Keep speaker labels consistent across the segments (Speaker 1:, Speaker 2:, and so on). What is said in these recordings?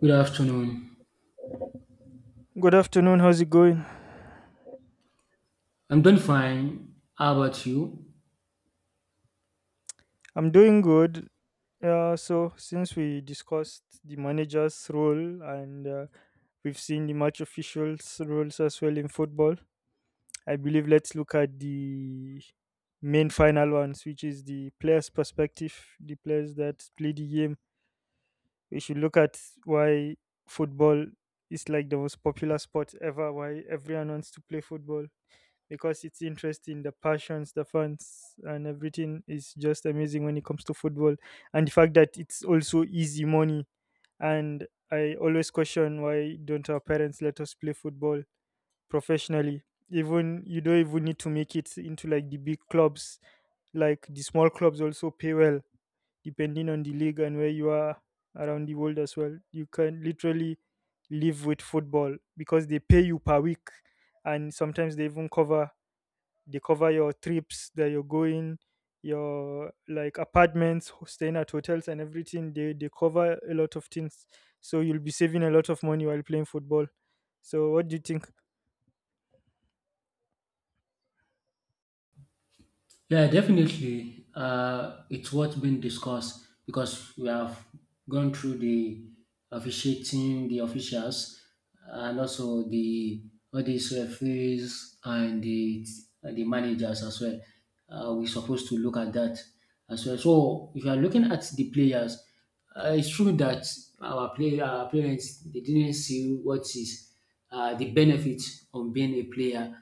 Speaker 1: Good afternoon.
Speaker 2: Good afternoon. How's it going?
Speaker 1: I'm doing fine. How about you?
Speaker 2: I'm doing good. So since we discussed the manager's role and we've seen the match officials' roles as well in football, I believe let's look at the main final ones, which is the players' perspective, the players that play the game. We should look at why football is like the most popular sport ever. Why everyone wants to play football. Because it's interesting. The passions, the fans, and everything is just amazing when it comes to football. And the fact that it's also easy money. And I always question why don't our parents let us play football professionally? Even you don't even need to make it into like the big clubs. Like the small clubs also pay well, depending on the league and where you are around the world as well. You can literally live with football because they pay you per week, and sometimes they even cover your trips that you're going, your like apartments, staying at hotels, and everything. They cover a lot of things, so you'll be saving a lot of money while playing football. So what do you think?
Speaker 1: Yeah, definitely. It's what's been discussed because we have gone through the officiating, the officials, and also the all these referees and the managers as well. We're supposed to look at that as well. So if you are looking at the players, it's true that our parents they didn't see what is the benefit of being a player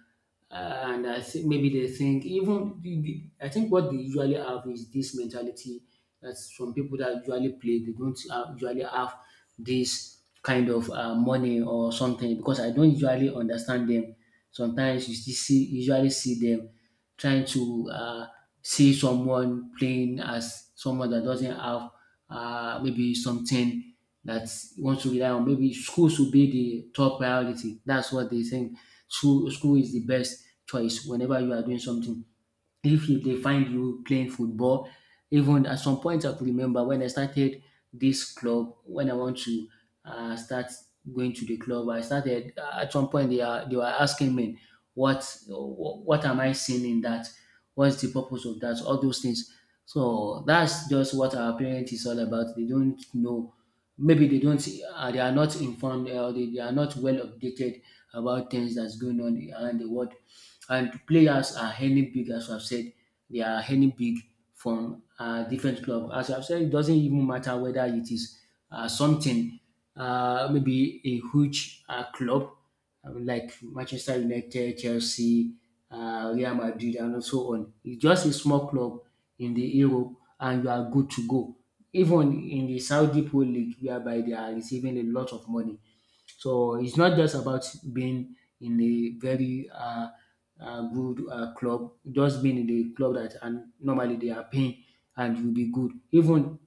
Speaker 1: and I think maybe they think I think what they usually have is this mentality that some people that usually play they don't usually have this kind of money or something because I don't usually understand them. Sometimes you still see usually see them trying to see someone playing as someone that doesn't have maybe something that wants to rely on. Maybe school should be the top priority. That's what they think school is the best choice whenever you are doing something if you they find you playing football, even at some point I could remember when I started this club, when I want to start going to the club, I started at some point they were asking me what what am I seeing in that? What's the purpose of that? All those things. So that's just what our parents is all about. They don't know. Maybe they don't. They are not informed. They are not well updated about things that's going on around the world, and players are earning big, as I've said, they are earning big from different club. As I've said, it doesn't even matter whether it is uh, something, maybe a huge club like Manchester United, Chelsea, Real Madrid, and so on. It's just a small club in the Europe, and you are good to go. Even in the Saudi Pro League, whereby they are receiving a lot of money, so it's not just about being in a very good club, just being in the club that and normally they are paying and you'll be good. Even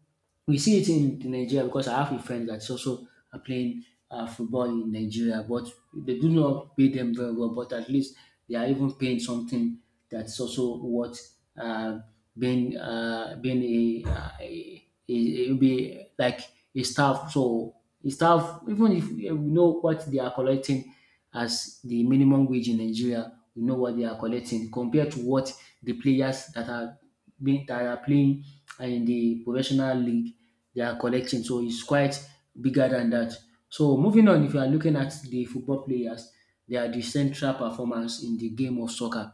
Speaker 1: we see it in Nigeria because I have a friend that's also are playing football in Nigeria, but they do not pay them very well. But at least they are even paying something that's also what uh, being being be like a staff. So staff, even if, yeah, we know what they are collecting as the minimum wage in Nigeria, we know what they are collecting compared to what the players that are being that are playing in the professional league they are collecting. So it's quite bigger than that. So moving on, if you are looking at the football players, they are the central performance in the game of soccer,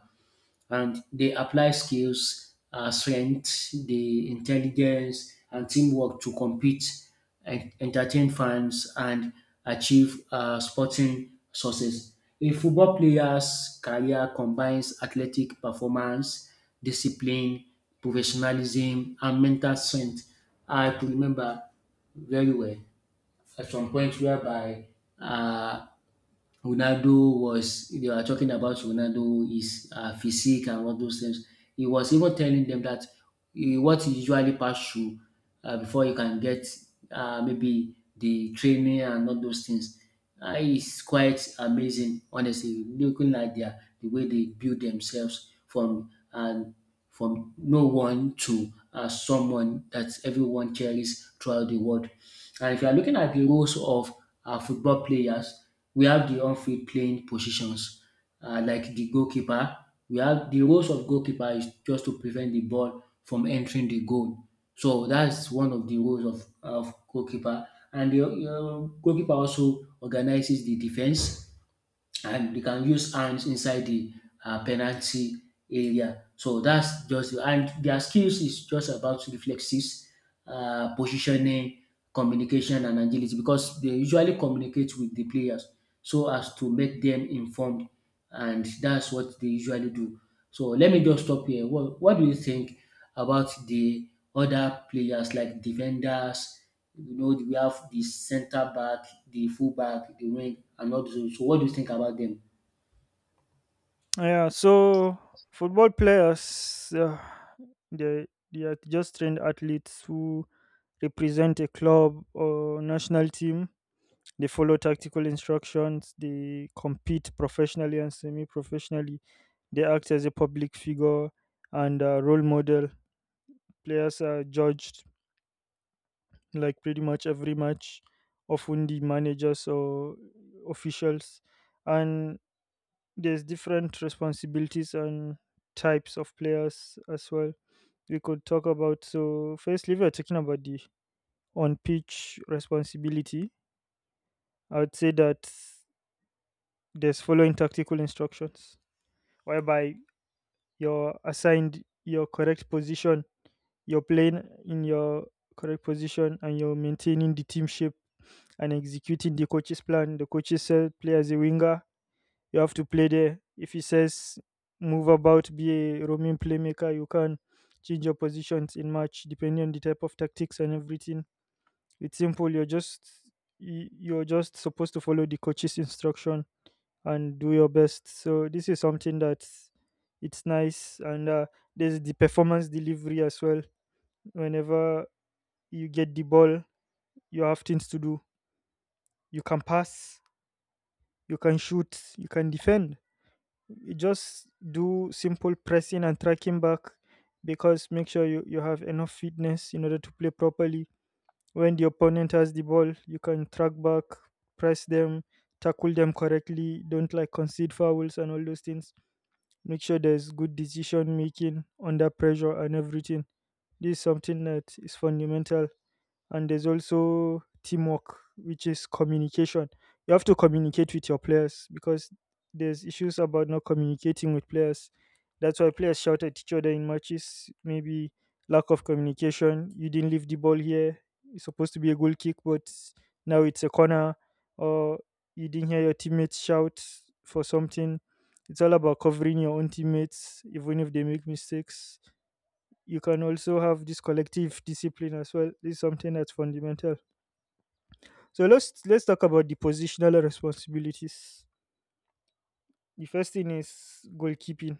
Speaker 1: and they apply skills, strength, the intelligence, and teamwork to compete, and entertain fans, and achieve sporting success. A football player's career combines athletic performance, discipline, professionalism, and mental strength. I could remember very well at some point whereby uh, Ronaldo was they were talking about Ronaldo, his physique and all those things. He was even telling them that eh, what you usually pass through before you can get maybe the training and all those things is quite amazing. Honestly, looking at the way they build themselves from and from no one to someone that everyone cherishes throughout the world. And if you are looking at the roles of football players, we have the on-field playing positions like the goalkeeper. We have the roles of goalkeeper is just to prevent the ball from entering the goal. So that's one of the roles of goalkeeper. And the goalkeeper also organizes the defense, and they can use hands inside the penalty area. So that's just, and their skills is just about reflexes, positioning, communication, and agility, because they usually communicate with the players so as to make them informed, and that's what they usually do. So let me just stop here. What do you think about the other players like defenders? You know, we have the centre back, the full back, the wing, and all those. So, what do you think about them?
Speaker 2: Yeah, so football players, they, they are just trained athletes who represent a club or national team. They follow tactical instructions, they compete professionally and semi-professionally, they act as a public figure and a role model. Players are judged like pretty much every match, often the managers or officials, and there's different responsibilities and types of players as well. We could talk about, so firstly, we're talking about the on pitch responsibility. I would say that there's following tactical instructions, whereby you're assigned your correct position, you're playing in your correct position, and you're maintaining the team shape and executing the coach's plan. The coaches said, play as a winger. You have to play there. If he says, move about, be a roaming playmaker, you can change your positions in match depending on the type of tactics and everything. It's simple. You're just supposed to follow the coach's instruction and do your best. So this is something that it's nice, and there's the performance delivery as well. Whenever you get the ball, you have things to do. You can pass, you can shoot, you can defend. You just do simple pressing and tracking back, because make sure you have enough fitness in order to play properly. When the opponent has the ball, you can track back, press them, tackle them correctly, don't like concede fouls and all those things. Make sure there's good decision making under pressure and everything. This is something that is fundamental, and there's also teamwork, which is communication. You have to communicate with your players, because there's issues about not communicating with players. That's why players shout at each other in matches, maybe lack of communication. You didn't leave the ball here. It's supposed to be a goal kick, but now it's a corner. Or you didn't hear your teammates shout for something. It's all about covering your own teammates even if they make mistakes. You can also have this collective discipline as well. This is something that's fundamental. So let's talk about the positional responsibilities. The first thing is goalkeeping.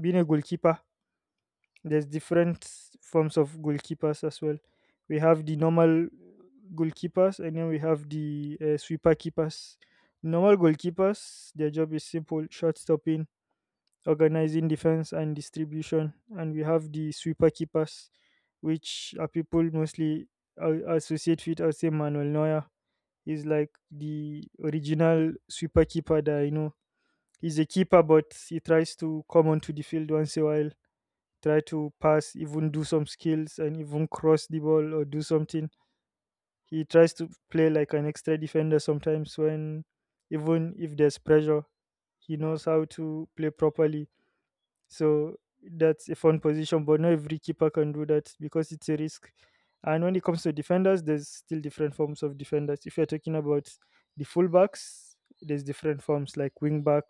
Speaker 2: Being a goalkeeper, there's different forms of goalkeepers as well. We have the normal goalkeepers, and then we have the sweeper keepers. Normal goalkeepers, their job is simple: shot stopping, organizing defense and distribution. And we have the sweeper keepers, which are people mostly associate with as, say, Manuel Neuer. He's like the original sweeper keeper that I know. He's a keeper, but he tries to come onto the field once in a while, try to pass, even do some skills and even cross the ball or do something. He tries to play like an extra defender sometimes, when even if there's pressure, he knows how to play properly. So that's a fun position, but not every keeper can do that because it's a risk. And when it comes to defenders, there's still different forms of defenders. If you're talking about the fullbacks, there's different forms like wing back,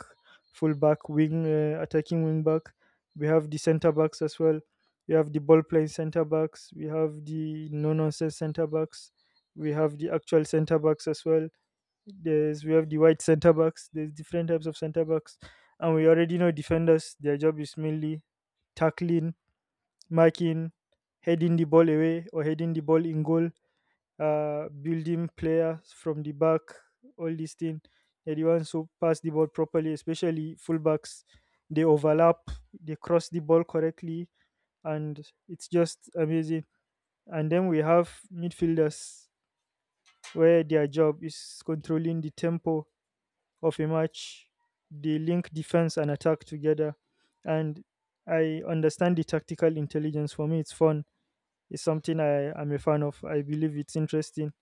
Speaker 2: fullback, wing attacking wing back. We have the centre backs as well. We have the ball playing centre backs. We have the no nonsense centre backs. We have the actual centre backs as well. There's We have the white centre backs. There's different types of centre backs, and we already know defenders. Their job is mainly tackling, marking, heading the ball away or heading the ball in goal, building players from the back. All these things. They're the ones who pass the ball properly, especially fullbacks. They overlap. They cross the ball correctly, and it's just amazing. And then we have midfielders, where their job is controlling the tempo of a match. They link defense and attack together. And I understand the tactical intelligence. For me, it's fun. It's something I am a fan of. I believe it's interesting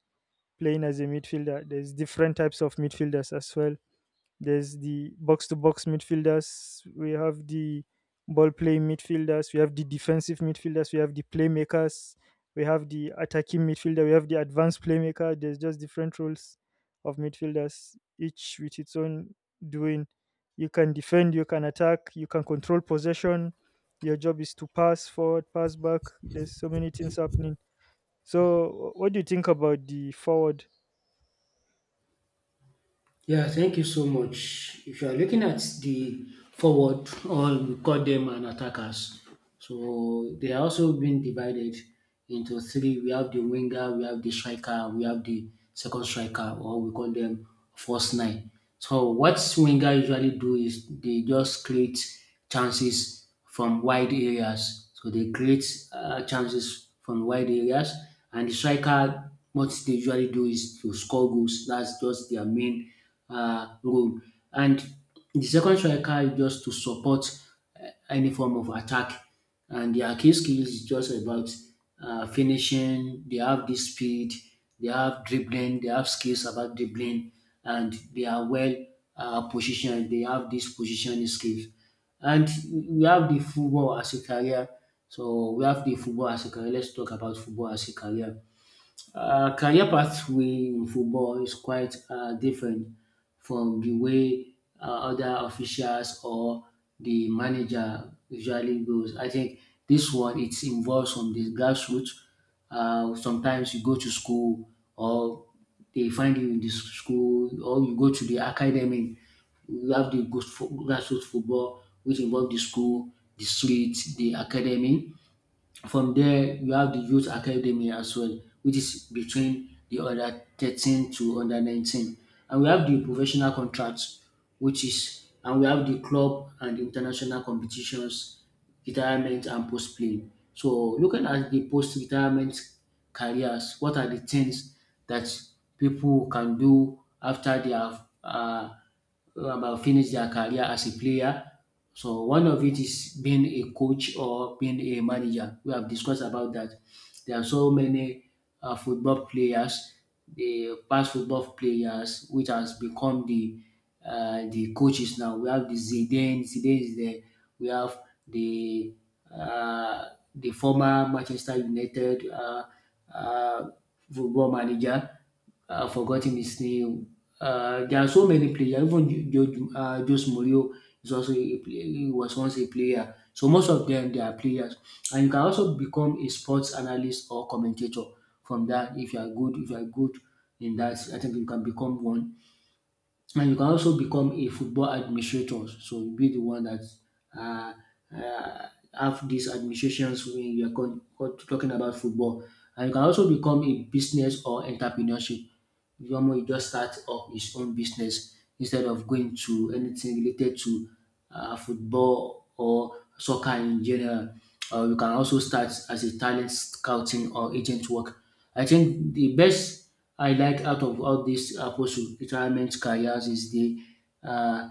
Speaker 2: playing as a midfielder. There's different types of midfielders as well. There's the box to box midfielders. We have the ball playing midfielders. We have the defensive midfielders. We have the playmakers. We have the attacking midfielder. We have the advanced playmaker. There's just different roles of midfielders, each with its own doing. You can defend, you can attack, you can control possession. Your job is to pass forward, pass back. There's so many things happening. So, what do you think about the forward?
Speaker 1: Yeah, thank you so much. If you are looking at the forward, or we call them an attackers, so they are also being divided into three. We have the winger, we have the striker, we have the second striker, or we call them first nine. So what winger usually do is they just create chances from wide areas. So they create chances from wide areas, and the striker, what they usually do is to score goals. That's just their main role. And the second striker is just to support any form of attack, and their key skills is just about finishing. They have the speed, they have dribbling, they have skills about dribbling, and they are well positioned. They have this positioning skills, and we have the football as a career. So we have the football as a career. Let's talk about football as a career. Career pathway in football is quite different from the way other officials or the manager usually goes. I think this one it involves from the grassroots. Sometimes you go to school or they find you in the school or you go to the academy. We have the grassroots football which involve the school, the street, the academy. From there, you have the youth academy as well, which is between the under 13 to under 19. And we have the professional contracts, which is, and we have the club and international competitions, retirement and post playing. So, looking at the post retirement careers, what are the things that people can do after they have about finish their career as a player. So one of it is being a coach or being a manager. We have discussed about that. There are so many football players, the past football players, which has become the coaches now. We have the Zidane. Zidane is there. We have the uh, the former Manchester United uh, football manager forgotten his name. There are so many players. Even Jose Mourinho is also a player. He was once a player. So most of them they are players, and you can also become a sports analyst or commentator from that if you are good. If you are good in that, I think you can become one. And you can also become a football administrator. So you be the one that uh, uh, have these administrations when you are talking about football. And you can also become a business or entrepreneurship. You almost you just start up his own business instead of going to anything related to football or soccer in general. You can also start as a talent scouting or agent work. I think the best I like out of all these approach to retirement careers is the uh,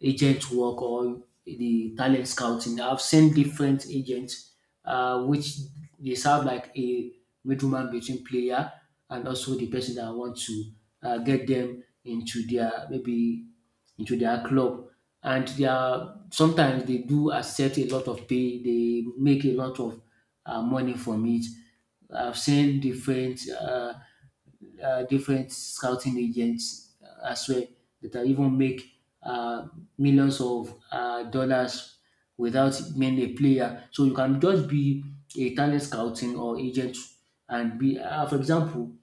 Speaker 1: agent work or the talent scouting. I've seen different agents which they serve like a middleman between player and also the person that want to get them into their maybe into their club. And they are sometimes they do accept a lot of pay. They make a lot of money from it. I've seen different. Different scouting agents as well that even make uh, millions of dollars without being a player. So you can just be a talent scouting or agent and be, for example,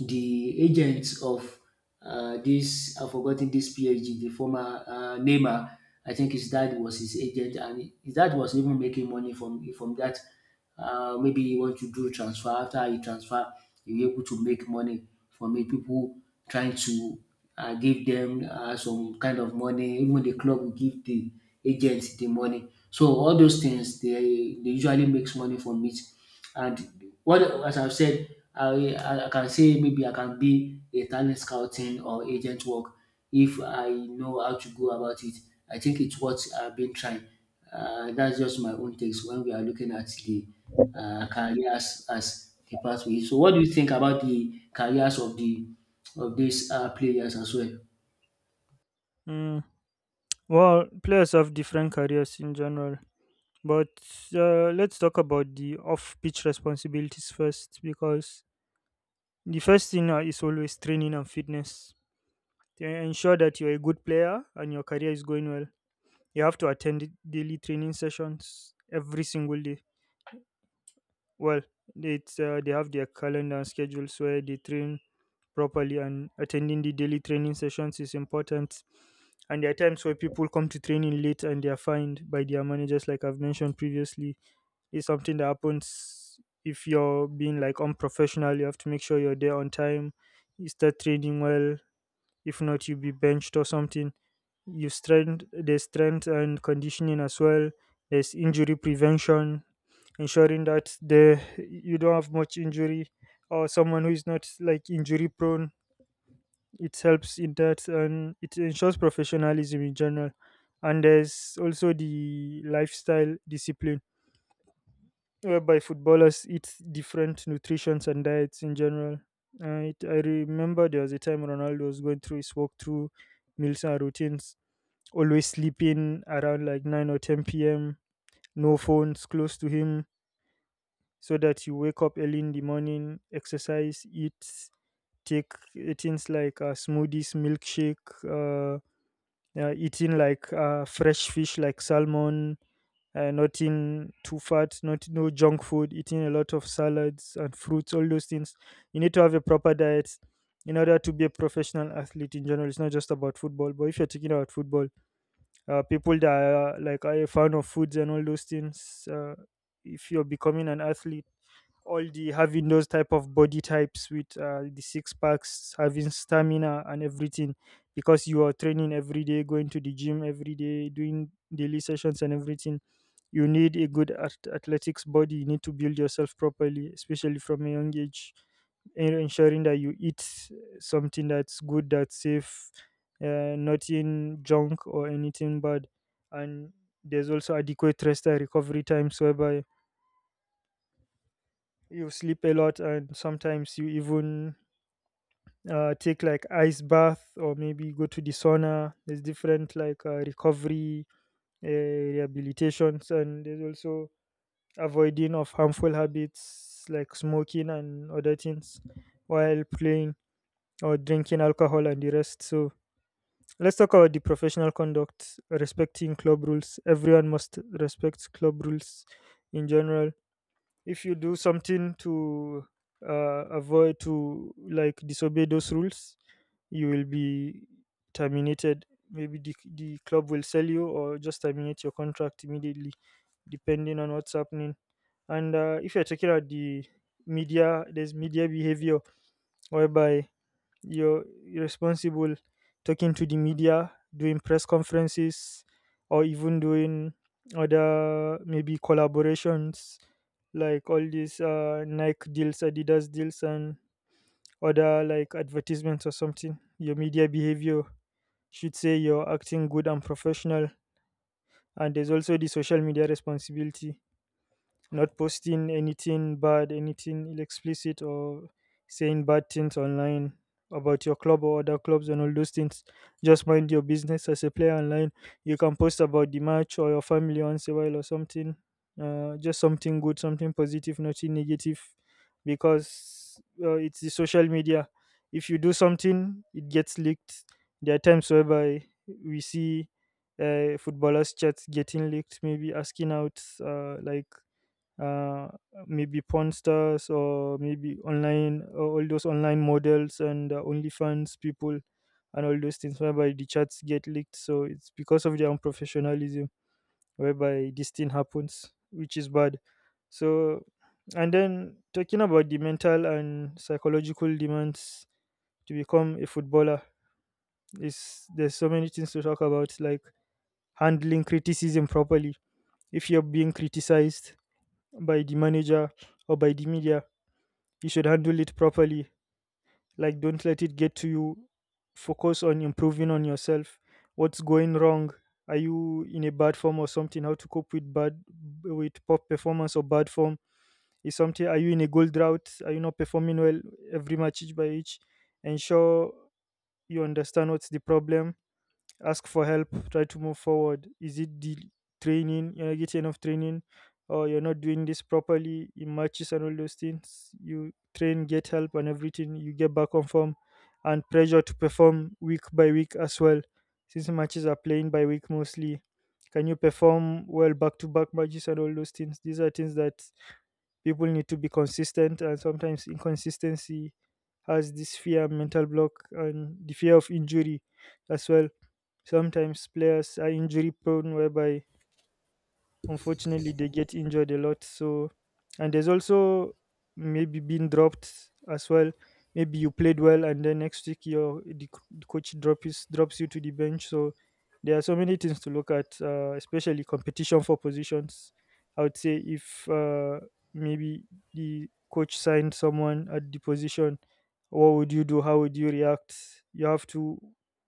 Speaker 1: the agents of this I've forgotten this PSG, the former Neymar. I think his dad was his agent, and his dad was even making money from that. Maybe he want to do transfer. After he transfer, he able to make money from it. People trying to give them some kind of money. Even the club will give the agent the money. So all those things, they usually makes money from it. And what as I've said, I can say maybe I can be a talent scouting or agent work if I know how to go about it. I think it's what I've been trying. That's just my own takes when we are looking at the careers as a pathway. So, what do you think about the careers of these players as well?
Speaker 2: Mm, well, players have different careers in general. But let's talk about the off pitch responsibilities first, because the first thing is always training and fitness. To ensure that you're a good player and your career is going well, you have to attend daily training sessions every single day. Well, it's, they have their calendar and schedules where they train properly, and attending the daily training sessions is important. And there are times where people come to training late and they are fined by their managers, like I've mentioned previously. It's something that happens if you're being like unprofessional. You have to make sure you're there on time. You start training well. If not, you'll be benched or something. You strength there's strength and conditioning as well. There's injury prevention, ensuring that the you don't have much injury, or someone who is not like injury prone. It helps in that, and it ensures professionalism in general. And there's also the lifestyle discipline whereby footballers eat different nutritions and diets in general. I remember there was a time Ronaldo was going through his walkthrough meals and routines, always sleeping around like 9 or 10 p.m., no phones close to him, so that you wake up early in the morning, exercise, eat, take things like smoothies, milkshake, uh, eating like fresh fish like salmon, nothing too fat, not no junk food, eating a lot of salads and fruits, all those things. You need to have a proper diet in order to be a professional athlete in general. It's not just about football, but if you're talking about football, people that are like are a fan of foods and all those things, if you're becoming an athlete, all the having those type of body types with the six packs, having stamina and everything, because you are training every day, going to the gym every day, doing daily sessions and everything. You need a good athletics body. You need to build yourself properly, especially from a young age, and ensuring that you eat something that's good, that's safe, nothing junk or anything bad. And there's also adequate rest and recovery times, whereby you sleep a lot, and sometimes you even take like ice bath, or maybe go to the sauna. There's different like recovery uh, rehabilitations. And there's also avoiding of harmful habits like smoking and other things while playing, or drinking alcohol and the rest. So let's talk about the professional conduct. Respecting club rules, everyone must respect club rules in general. If you do something to avoid to like disobey those rules, you will be terminated. Maybe the club will sell you or just terminate your contract immediately depending on what's happening. And if you're talking about the media, there's media behavior whereby you're responsible talking to the media, doing press conferences, or even doing other maybe collaborations like all these Nike deals, Adidas deals, and other like advertisements or something. Your media behavior should say you're acting good and professional. And there's also the social media responsibility, not posting anything bad, anything explicit, or saying bad things online about your club or other clubs and all those things. Just mind your business as a player online. You can post about the match or your family once a while or something. Just something good, something positive, nothing negative, because it's the social media. If you do something, it gets leaked. There are times whereby we see footballers' chats getting leaked, maybe asking out uh, maybe porn stars, or maybe online, all those online models, and OnlyFans people and all those things whereby the chats get leaked. So it's because of their unprofessionalism whereby this thing happens, which is bad. So and then, talking about the mental and psychological demands to become a footballer, is there's so many things to talk about, like handling criticism properly. If you're being criticized by the manager or by the media, you should handle it properly. Like, don't let it get to you. Focus on improving on yourself. What's going wrong? Are you in a bad form or something? How to cope with bad with poor performance or bad form? Is something? Are you in a goal drought? Are you not performing well every match, each by each? Ensure you understand what's the problem, ask for help, try to move forward. Is it the training? You're not getting enough training, or you're not doing this properly in matches and all those things. You train, get help, and everything, you get back on form. And pressure to perform week by week as well, since matches are playing by week mostly. Can you perform well back to back matches and all those things? These are things that people need to be consistent, and sometimes inconsistency has this fear, mental block, and the fear of injury as well. Sometimes players are injury prone, whereby unfortunately, they get injured a lot. So, and there's also maybe being dropped as well. Maybe you played well, and then next week the coach drops you to the bench. So there are so many things to look at, especially competition for positions. I would say if maybe the coach signed someone at the position, what would you do? How would you react? You have to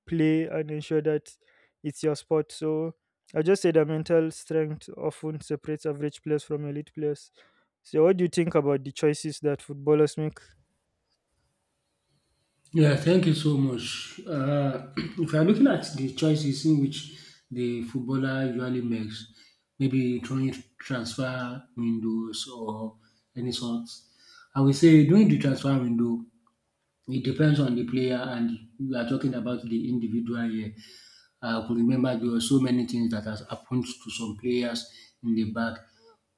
Speaker 2: play and ensure that it's your spot. So I just say that mental strength often separates average players from elite players. So, what do you think about the choices that footballers make?
Speaker 1: Yeah, thank you so much. If you're looking at the choices in which the footballer usually makes, maybe during transfer windows or any sorts, I would say during the transfer window, it depends on the player, and we are talking about the individual here. I could remember there were so many things that has happened to some players in the back,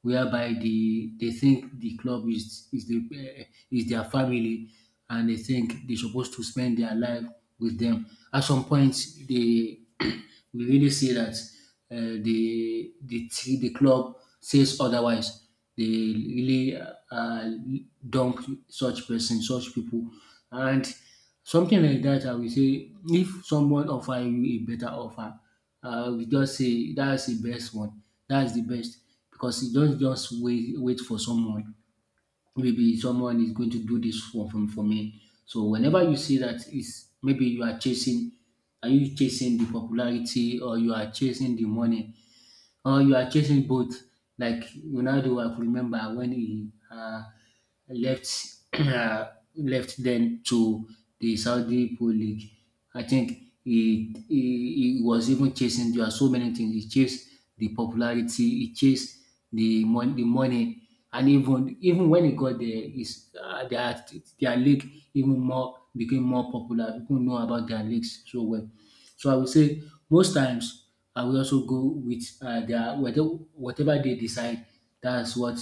Speaker 1: whereby they think the club is the is their family, and they think they're supposed to spend their life with them. At some point, they we really see that uh, the club says otherwise. They really dump such person, such people, and something like that. I will say if someone offer you a better offer, we just say that's the best one. That's the best because you don't just wait for someone. Maybe someone is going to do this for me. So whenever you see that is maybe you are chasing are you chasing the popularity, or you are chasing the money, or you are chasing both. Like Ronaldo, I could remember when he left uh, left then to the Saudi Pro League. I think he was even chasing. There are so many things he chased the popularity, he chased the money, and even when he got there, is uh, their their league even more became more popular. People know about their leagues so well. So I would say most times I will also go with their whether whatever they decide. That's what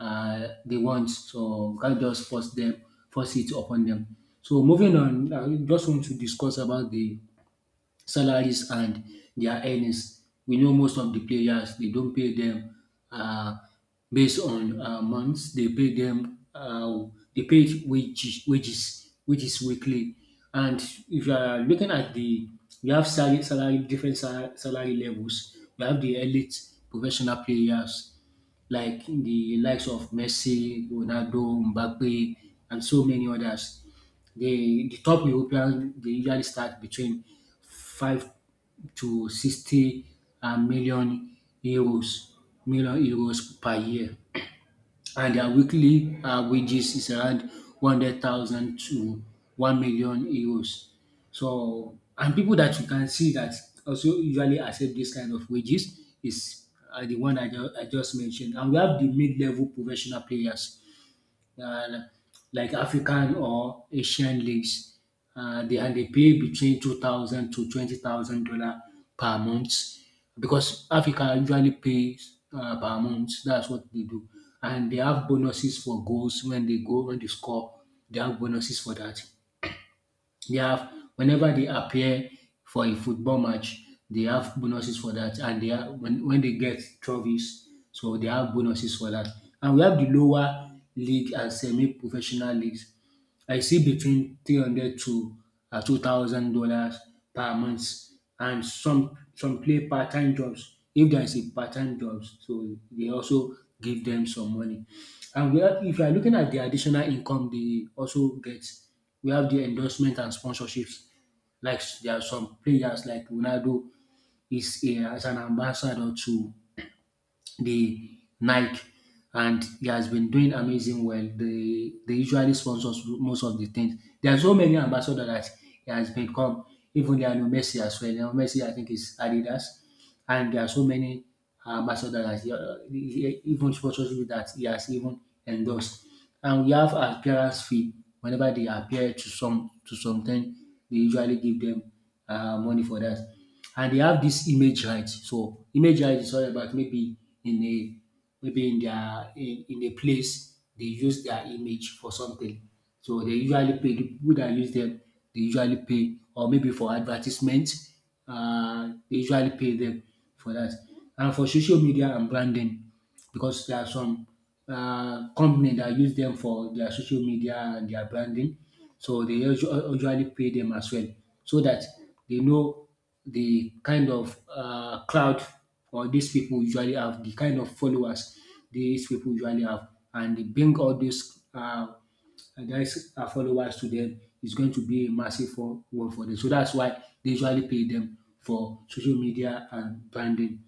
Speaker 1: they want. So you can't just force them, force it upon them. So moving on, I just want to discuss about the salaries and their earnings. We know most of the players they don't pay them uh, based on months. They pay them they pay wages weekly. And if you are looking at the We have salary, different salary levels. We have the elite professional players like the likes of Messi, Ronaldo, Mbappe, and so many others. The top Europeans they usually start between 5 to 60 million euros, per year. And their weekly wages is around 100,000 to 1 million euros. So, and people that you can see that also usually accept this kind of wages is the one I just mentioned. And we have the mid level professional players uh, like African or Asian leagues. They pay between two thousand to twenty thousand dollar per month, because Africa usually pays per month. That's what they do, and they have bonuses for goals when they go when they score. They have bonuses for that. They have whenever they appear for a football match, they have bonuses for that, and they have when they get trophies, so they have bonuses for that. And we have the lower league and semi-professional leagues. I see between 300 to $2,000 per month, and some play part-time jobs. If there is a part-time jobs, so they also give them some money. And we are if you are looking at the additional income they also get, we have the endorsement and sponsorships. Like there are some players like Ronaldo as an ambassador to the Nike, and he has been doing amazing well. They usually sponsors most of the things. There are so many ambassadors that he has become. Even Lionel Messi as well. Lionel Messi, I think, is Adidas, and there are so many ambassadors that he- even sponsorship that he has even endorsed. And we have appearance fee. Whenever they appear to something, they usually give them money for that. And they have this image rights. So image rights is all about maybe in a maybe in a place they use their image for something. So they usually pay the people that use them. They usually pay, or maybe for advertisement, they usually pay them for that. And for social media and branding, because there are some company that use them for their social media and their branding. So usually pay them as well, so that they know the kind of crowd or these people usually have, the kind of followers these people usually have, and they bring all these guys followers to them is going to be a massive for, one for them. So that's why they usually pay them for social media and branding.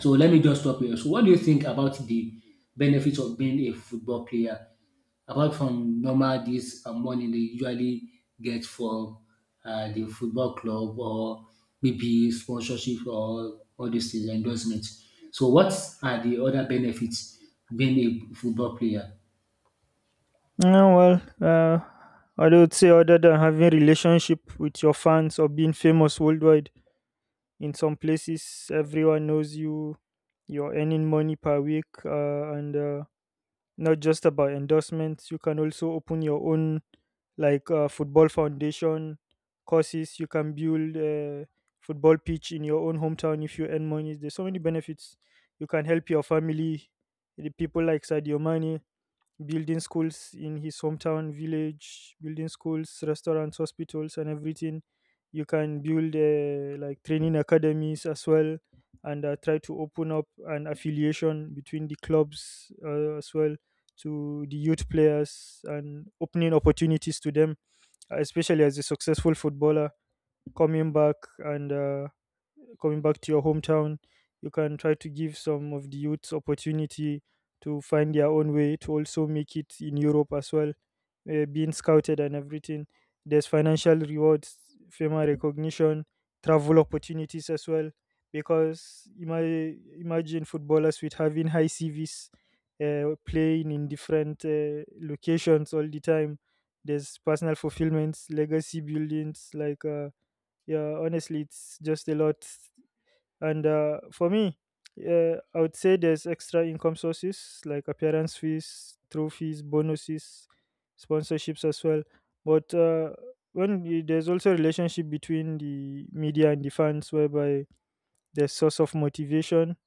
Speaker 1: So let me just stop here. So what do you think about the benefits of being a football player, apart from normal this money they usually get from the football club, or maybe sponsorship or all these things, endorsements? So what are the other benefits being a football player?
Speaker 2: Yeah, well, I would say, other than having relationship with your fans or being famous worldwide, in some places everyone knows you. You're earning money per week, and not just about endorsements. You can also open your own, like, football foundation courses. You can build a football pitch in your own hometown. If you earn money, there's so many benefits. You can help your family, the people, like Sadio Mane, building schools in his hometown village, building schools, restaurants, hospitals, and everything. You can build, like, training academies as well, and try to open up an affiliation between the clubs, as well, to the youth players, and opening opportunities to them, especially as a successful footballer, coming back, and coming back to your hometown, you can try to give some of the youths opportunity to find their own way to also make it in Europe as well, being scouted and everything. There's financial rewards, fame and recognition, travel opportunities as well. Because imagine footballers with having high CVs, playing in different locations all the time. There's personal fulfillments, legacy buildings, like, yeah, honestly, it's just a lot. And for me, I would say there's extra income sources like appearance fees, trophies, bonuses, sponsorships as well. But there's also a relationship between the media and the fans, whereby there's source of motivation,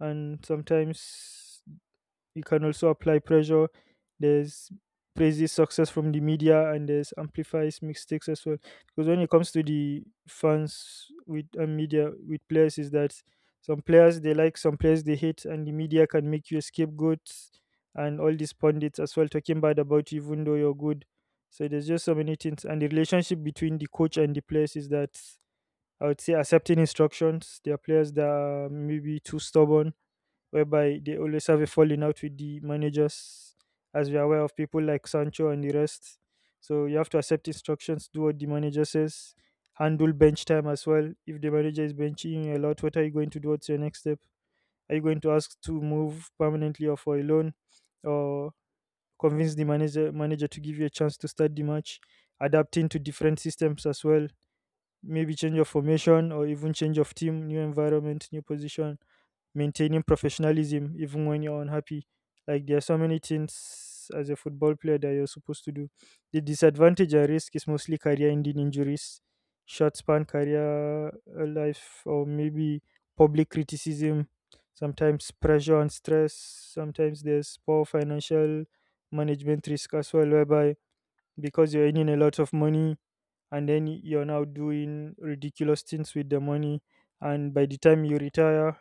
Speaker 2: and sometimes you can also apply pressure. There's praises, success from the media, and there's amplifies mistakes as well, because when it comes to the fans with and media with players, is that some players they like, some players they hate, and the media can make you a scapegoat, and all these pundits as well talking bad about you, even though you're good. So there's just so many things. And the relationship between the coach and the players is that I would say accepting instructions. There are players that are maybe too stubborn, whereby they always have a falling out with the managers, as we are aware of people like Sancho and the rest. So you have to accept instructions, do what the manager says, handle bench time as well. If the manager is benching you a lot, what are you going to do? What's your next step? Are you going to ask to move permanently or for a loan, or convince the manager to give you a chance to start the match? Adapting to different systems as well, maybe change of formation or even change of team, new environment, new position, maintaining professionalism even when you're unhappy. Like, there are so many things as a football player that you're supposed to do. The disadvantage and risk is mostly career-ending injuries, short-span career life, or maybe public criticism. Sometimes pressure and stress. Sometimes there's poor financial management risk as well, whereby because you're earning a lot of money, and then you're now doing ridiculous things with the money, and by the time you retire,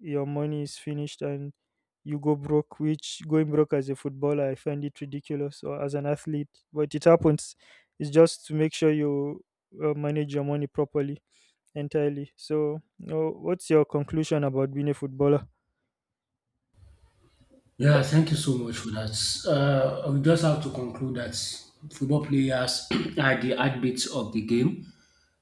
Speaker 2: your money is finished and you go broke. Which, going broke as a footballer, I find it ridiculous, or as an athlete, but it happens. It's just to make sure you manage your money properly entirely. So what's your conclusion about being a footballer?
Speaker 1: Yeah, thank you so much for that. We just have to conclude that football players are the heartbeats of the game,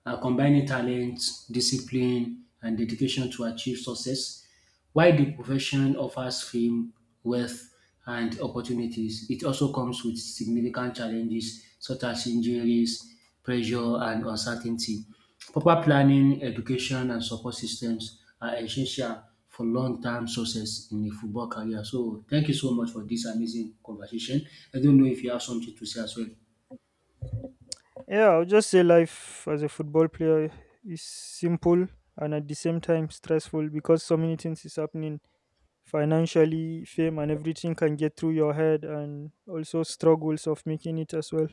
Speaker 1: combining talent, discipline, and dedication to achieve success. While the profession offers fame, wealth, and opportunities, it also comes with significant challenges such as injuries, pressure, and uncertainty. Proper planning, education, and support systems are essential for long-term success in a football career. So, thank you so much for this amazing conversation. I don't know if you have something to say as well.
Speaker 2: Yeah, I'll just say life as a football player is simple and at the same time stressful, because so many things is happening. Financially, fame, and everything can get through your head, and also struggles of making it as well.